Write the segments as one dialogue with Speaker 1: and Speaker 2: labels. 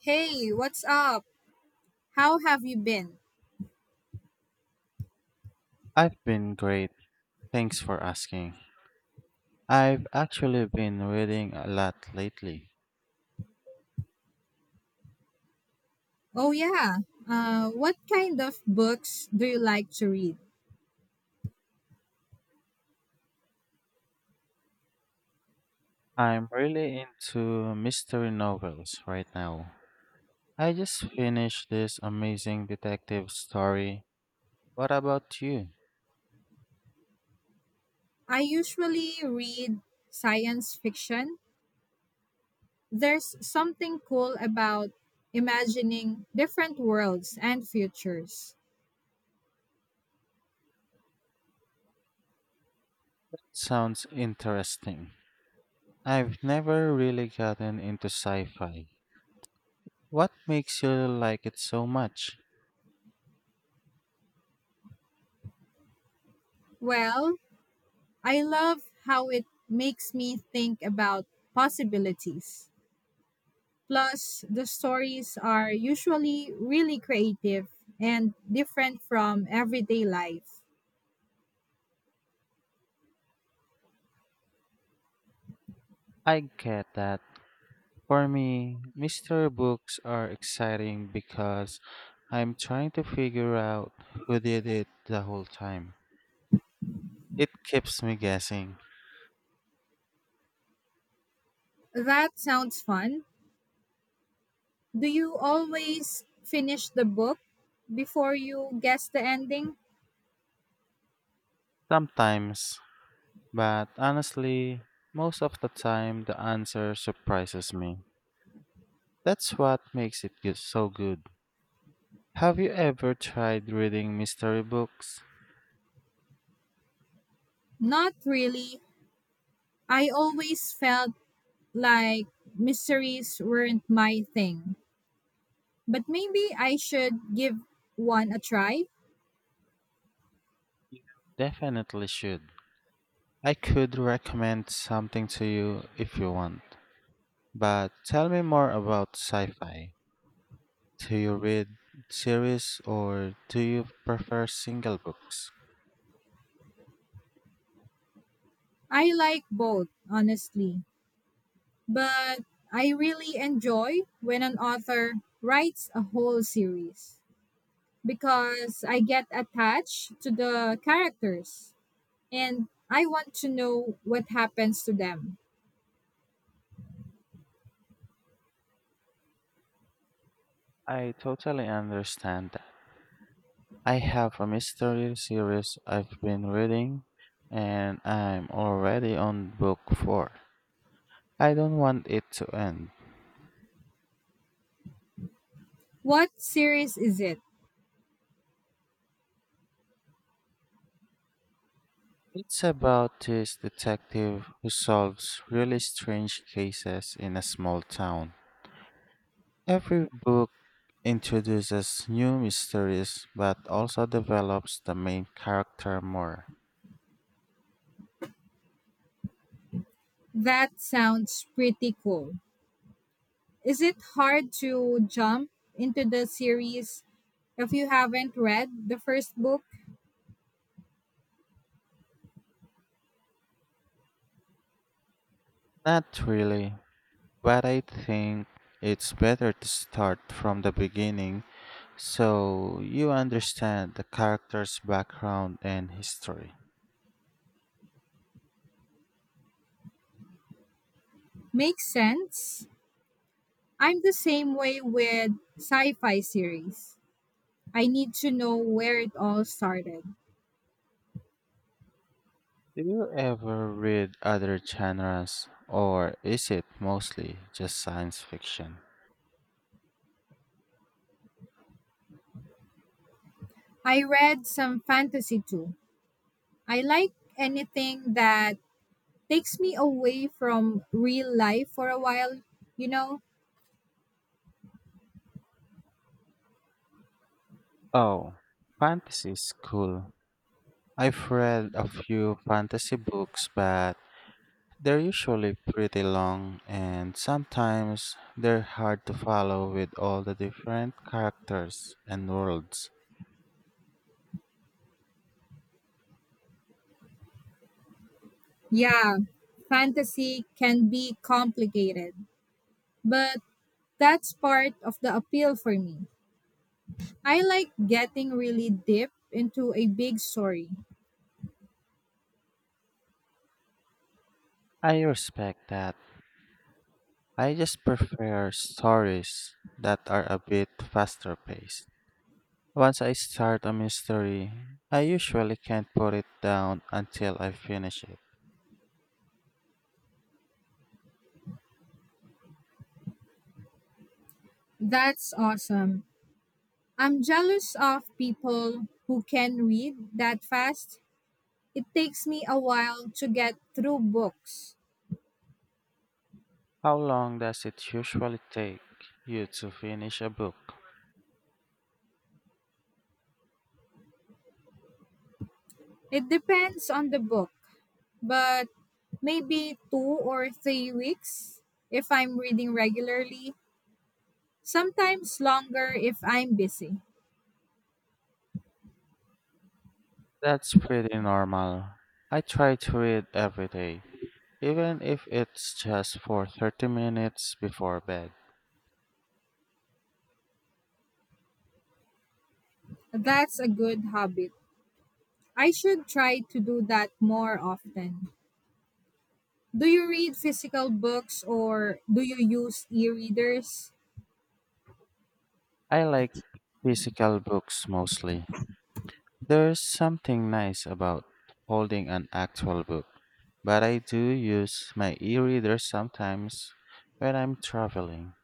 Speaker 1: Hey, what's up? How have you been?
Speaker 2: I've been great. Thanks for asking. I've actually been reading a lot lately.
Speaker 1: Oh, yeah. What kind of books do you like to read?
Speaker 2: I'm really into mystery novels right now. I just finished this amazing detective story. What about you?
Speaker 1: I usually read science fiction. There's something cool about imagining different worlds and futures.
Speaker 2: Sounds interesting. I've never really gotten into sci fi. What makes you like it so much?
Speaker 1: Well, I love how it makes me think about possibilities. Plus, the stories are usually really creative and different from everyday life.
Speaker 2: I get that. For me, mystery books are exciting because I'm trying to figure out who did it the whole time. It keeps me guessing.
Speaker 1: That sounds fun. Do you always finish the book before you guess the ending?
Speaker 2: Sometimes, but honestly, most of the time the answer surprises me. That's what makes it good, so good. Have you ever tried reading mystery books?
Speaker 1: Not really. I always felt like mysteries weren't my thing. But maybe I should give one a try.
Speaker 2: You definitely should. I could recommend something to you if you want, but tell me more about sci fi. Do you read series or do you prefer single books?
Speaker 1: I like both, honestly. But I really enjoy when an author writes a whole series because I get attached to the characters. And I want to know what happens to them.
Speaker 2: I totally understand that. I have a mystery series I've been reading and I'm already on book 4. I don't want it to end.
Speaker 1: What series is it?
Speaker 2: It's about this detective who solves really strange cases in a small town. Every book introduces new mysteries but also develops the main character more.
Speaker 1: That sounds pretty cool. Is it hard to jump into the series if you haven't read the first book?
Speaker 2: Not really, but I think it's better to start from the beginning so you understand the character's background and history.
Speaker 1: Makes sense. I'm the same way with sci fi series. I need to know where it all started.
Speaker 2: Do you ever read other genres or is it mostly just science fiction?
Speaker 1: I read some fantasy too. I like anything that takes me away from real life for a while, you know?
Speaker 2: Oh, fantasy is cool. I've read a few fantasy books, but they're usually pretty long and sometimes they're hard to follow with all the different characters and worlds.
Speaker 1: Yeah, fantasy can be complicated, but that's part of the appeal for me. I like getting really deep into a big story.
Speaker 2: I respect that. I just prefer stories that are a bit faster paced. Once I start a mystery, I usually can't put it down until I finish it.
Speaker 1: That's awesome. I'm jealous of people who can read that fast. It takes me a while to get through books.
Speaker 2: How long does it usually take you to finish a book?
Speaker 1: It depends on the book, but maybe 2 or 3 weeks if I'm reading regularly, sometimes longer if I'm busy.
Speaker 2: That's pretty normal. I try to read every day, even if it's just for 30 minutes before bed.
Speaker 1: That's a good habit. I should try to do that more often. Do you read physical books or do you use e readers?
Speaker 2: I like physical books mostly. There's something nice about holding an actual book, but I do use my e-reader sometimes when I'm traveling.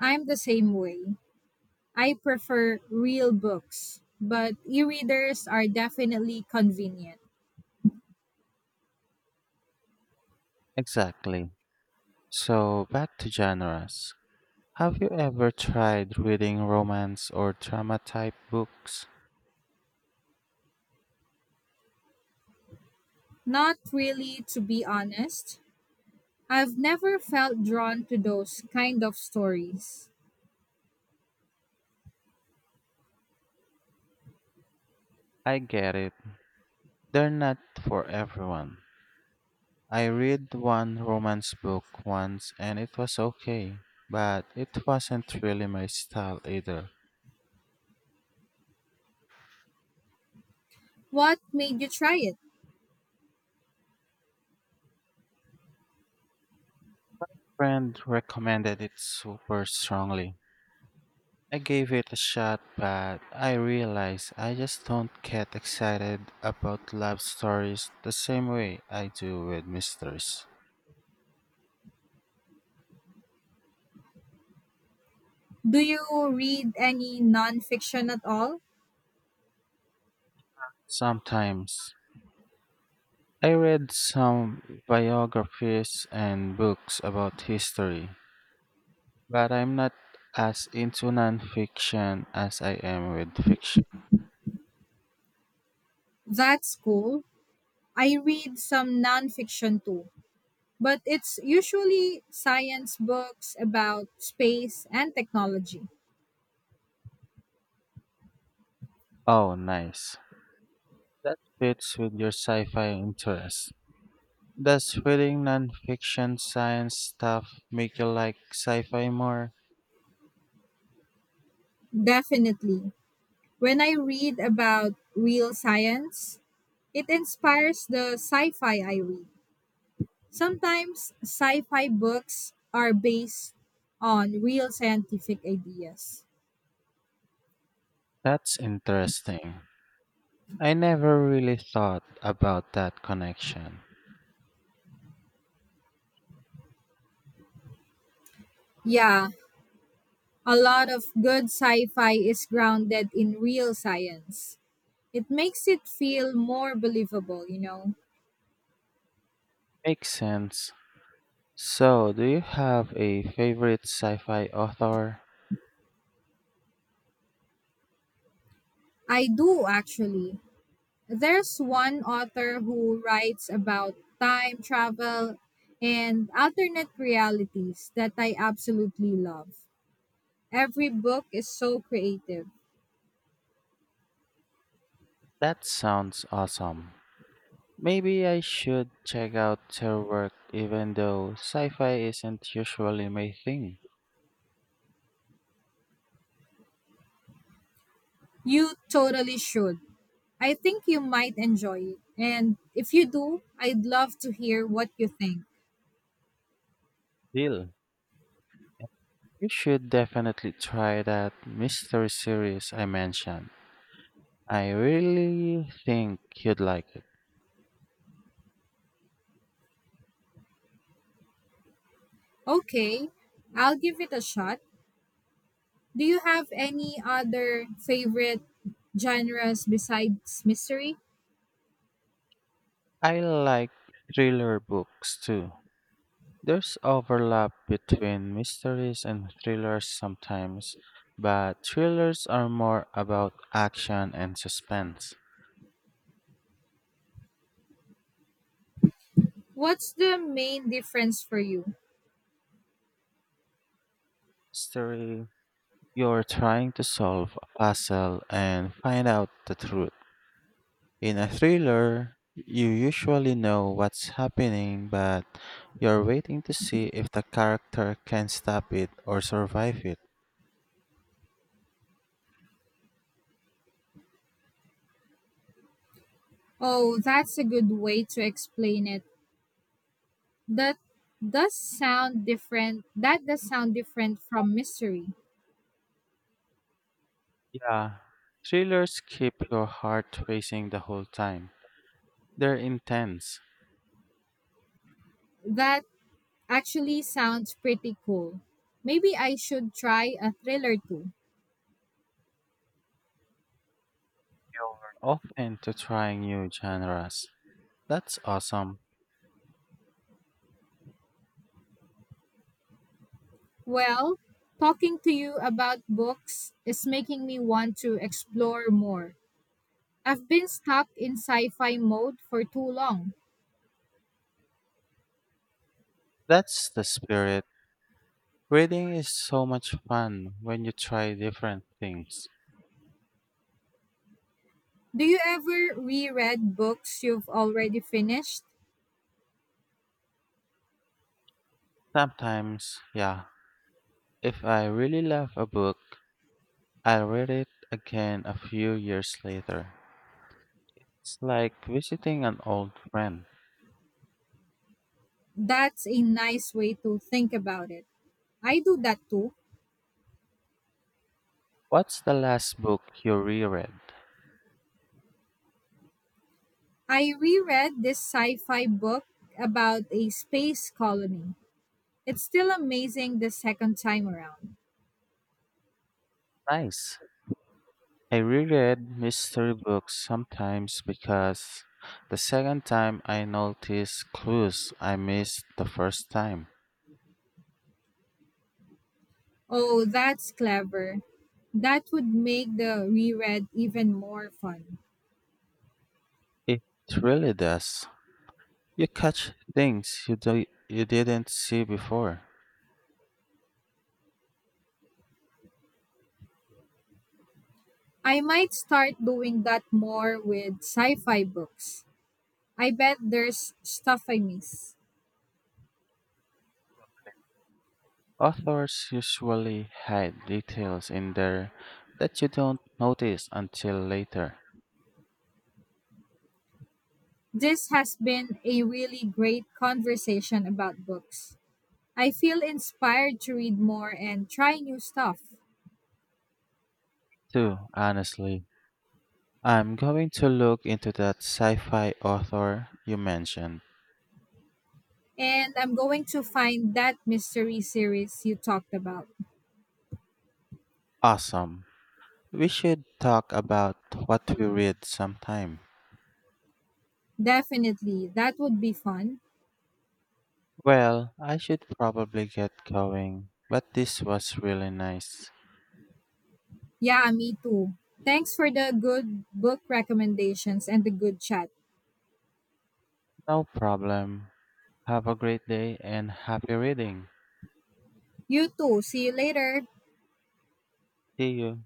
Speaker 1: I'm the same way. I prefer real books, but e readers are definitely convenient.
Speaker 2: Exactly. So back to genres. Have you ever tried reading romance or drama type books?
Speaker 1: Not really, to be honest. I've never felt drawn to those kind of stories.
Speaker 2: I get it. They're not for everyone. I read one romance book once and it was okay, but it wasn't really my style either.
Speaker 1: What made you try it?
Speaker 2: Friend recommended it super strongly. I gave it a shot, but I realized I just don't get excited about love stories the same way I do with mysteries.
Speaker 1: Do you read any nonfiction at all?
Speaker 2: Sometimes I read some biographies and books about history, but I'm not as into nonfiction as I am with fiction.
Speaker 1: That's cool. I read some nonfiction too, but it's usually science books about space and technology.
Speaker 2: Oh, nice. That fits with your sci fi interest. Does reading nonfiction science stuff make you like sci fi more?
Speaker 1: Definitely. When I read about real science, it inspires the sci fi I read. Sometimes sci fi books are based on real scientific ideas.
Speaker 2: That's interesting. I never really thought about that connection.
Speaker 1: Yeah, a lot of good sci fi is grounded in real science. It makes it feel more believable, you know.
Speaker 2: Makes sense. So, do you have a favorite sci fi author?
Speaker 1: I do actually. There's one author who writes about time travel and alternate realities that I absolutely love. Every book is so creative.
Speaker 2: That sounds awesome. Maybe I should check out her work even though sci fi isn't usually my thing.
Speaker 1: You totally should. I think you might enjoy it. And if you do, I'd love to hear what you think.
Speaker 2: Deal. You should definitely try that mystery series I mentioned. I really think you'd like it.
Speaker 1: Okay, I'll give it a shot. Do you have any other favorite genres besides mystery?
Speaker 2: I like thriller books too. There's overlap between mysteries and thrillers sometimes, but thrillers are more about action and suspense.
Speaker 1: What's the main difference for you?
Speaker 2: Mystery, you're trying to solve a puzzle and find out the truth. In a thriller, you usually know what's happening, but you're waiting to see if the character can stop it or survive it.
Speaker 1: Oh, that's a good way to explain it. That That does sound different from mystery.
Speaker 2: Yeah, thrillers keep your heart racing the whole time. They're intense.
Speaker 1: That actually sounds pretty cool. Maybe I should try a thriller too.
Speaker 2: You're off into trying new genres. That's awesome.
Speaker 1: Well, talking to you about books is making me want to explore more. I've been stuck in sci-fi mode for too long.
Speaker 2: That's the spirit. Reading is so much fun when you try different things.
Speaker 1: Do you ever reread books you've already finished?
Speaker 2: Sometimes, yeah, if I really love a book, I'll read it again a few years later. It's like visiting an old friend.
Speaker 1: That's a nice way to think about it. I do that too.
Speaker 2: What's the last book you reread?
Speaker 1: I reread this sci fi book about a space colony. It's still amazing the second time around.
Speaker 2: Nice. I reread mystery books sometimes because the second time I notice clues I missed the first time.
Speaker 1: Oh, that's clever. That would make the reread even more fun.
Speaker 2: It really does. You catch things you didn't see before.
Speaker 1: I might start doing that more with sci fi books. I bet there's stuff I miss.
Speaker 2: Authors usually hide details in there that you don't notice until later.
Speaker 1: This has been a really great conversation about books. I feel inspired to read more and try new stuff.
Speaker 2: Too, honestly. I'm going to look into that sci fi author you mentioned.
Speaker 1: And I'm going to find that mystery series you talked about.
Speaker 2: Awesome. We should talk about what we read sometime.
Speaker 1: Definitely. That would be fun.
Speaker 2: Well, I should probably get going, but this was really nice.
Speaker 1: Yeah, me too. Thanks for the good book recommendations and the good chat.
Speaker 2: No problem. Have a great day and happy reading.
Speaker 1: You too. See you later.
Speaker 2: See you.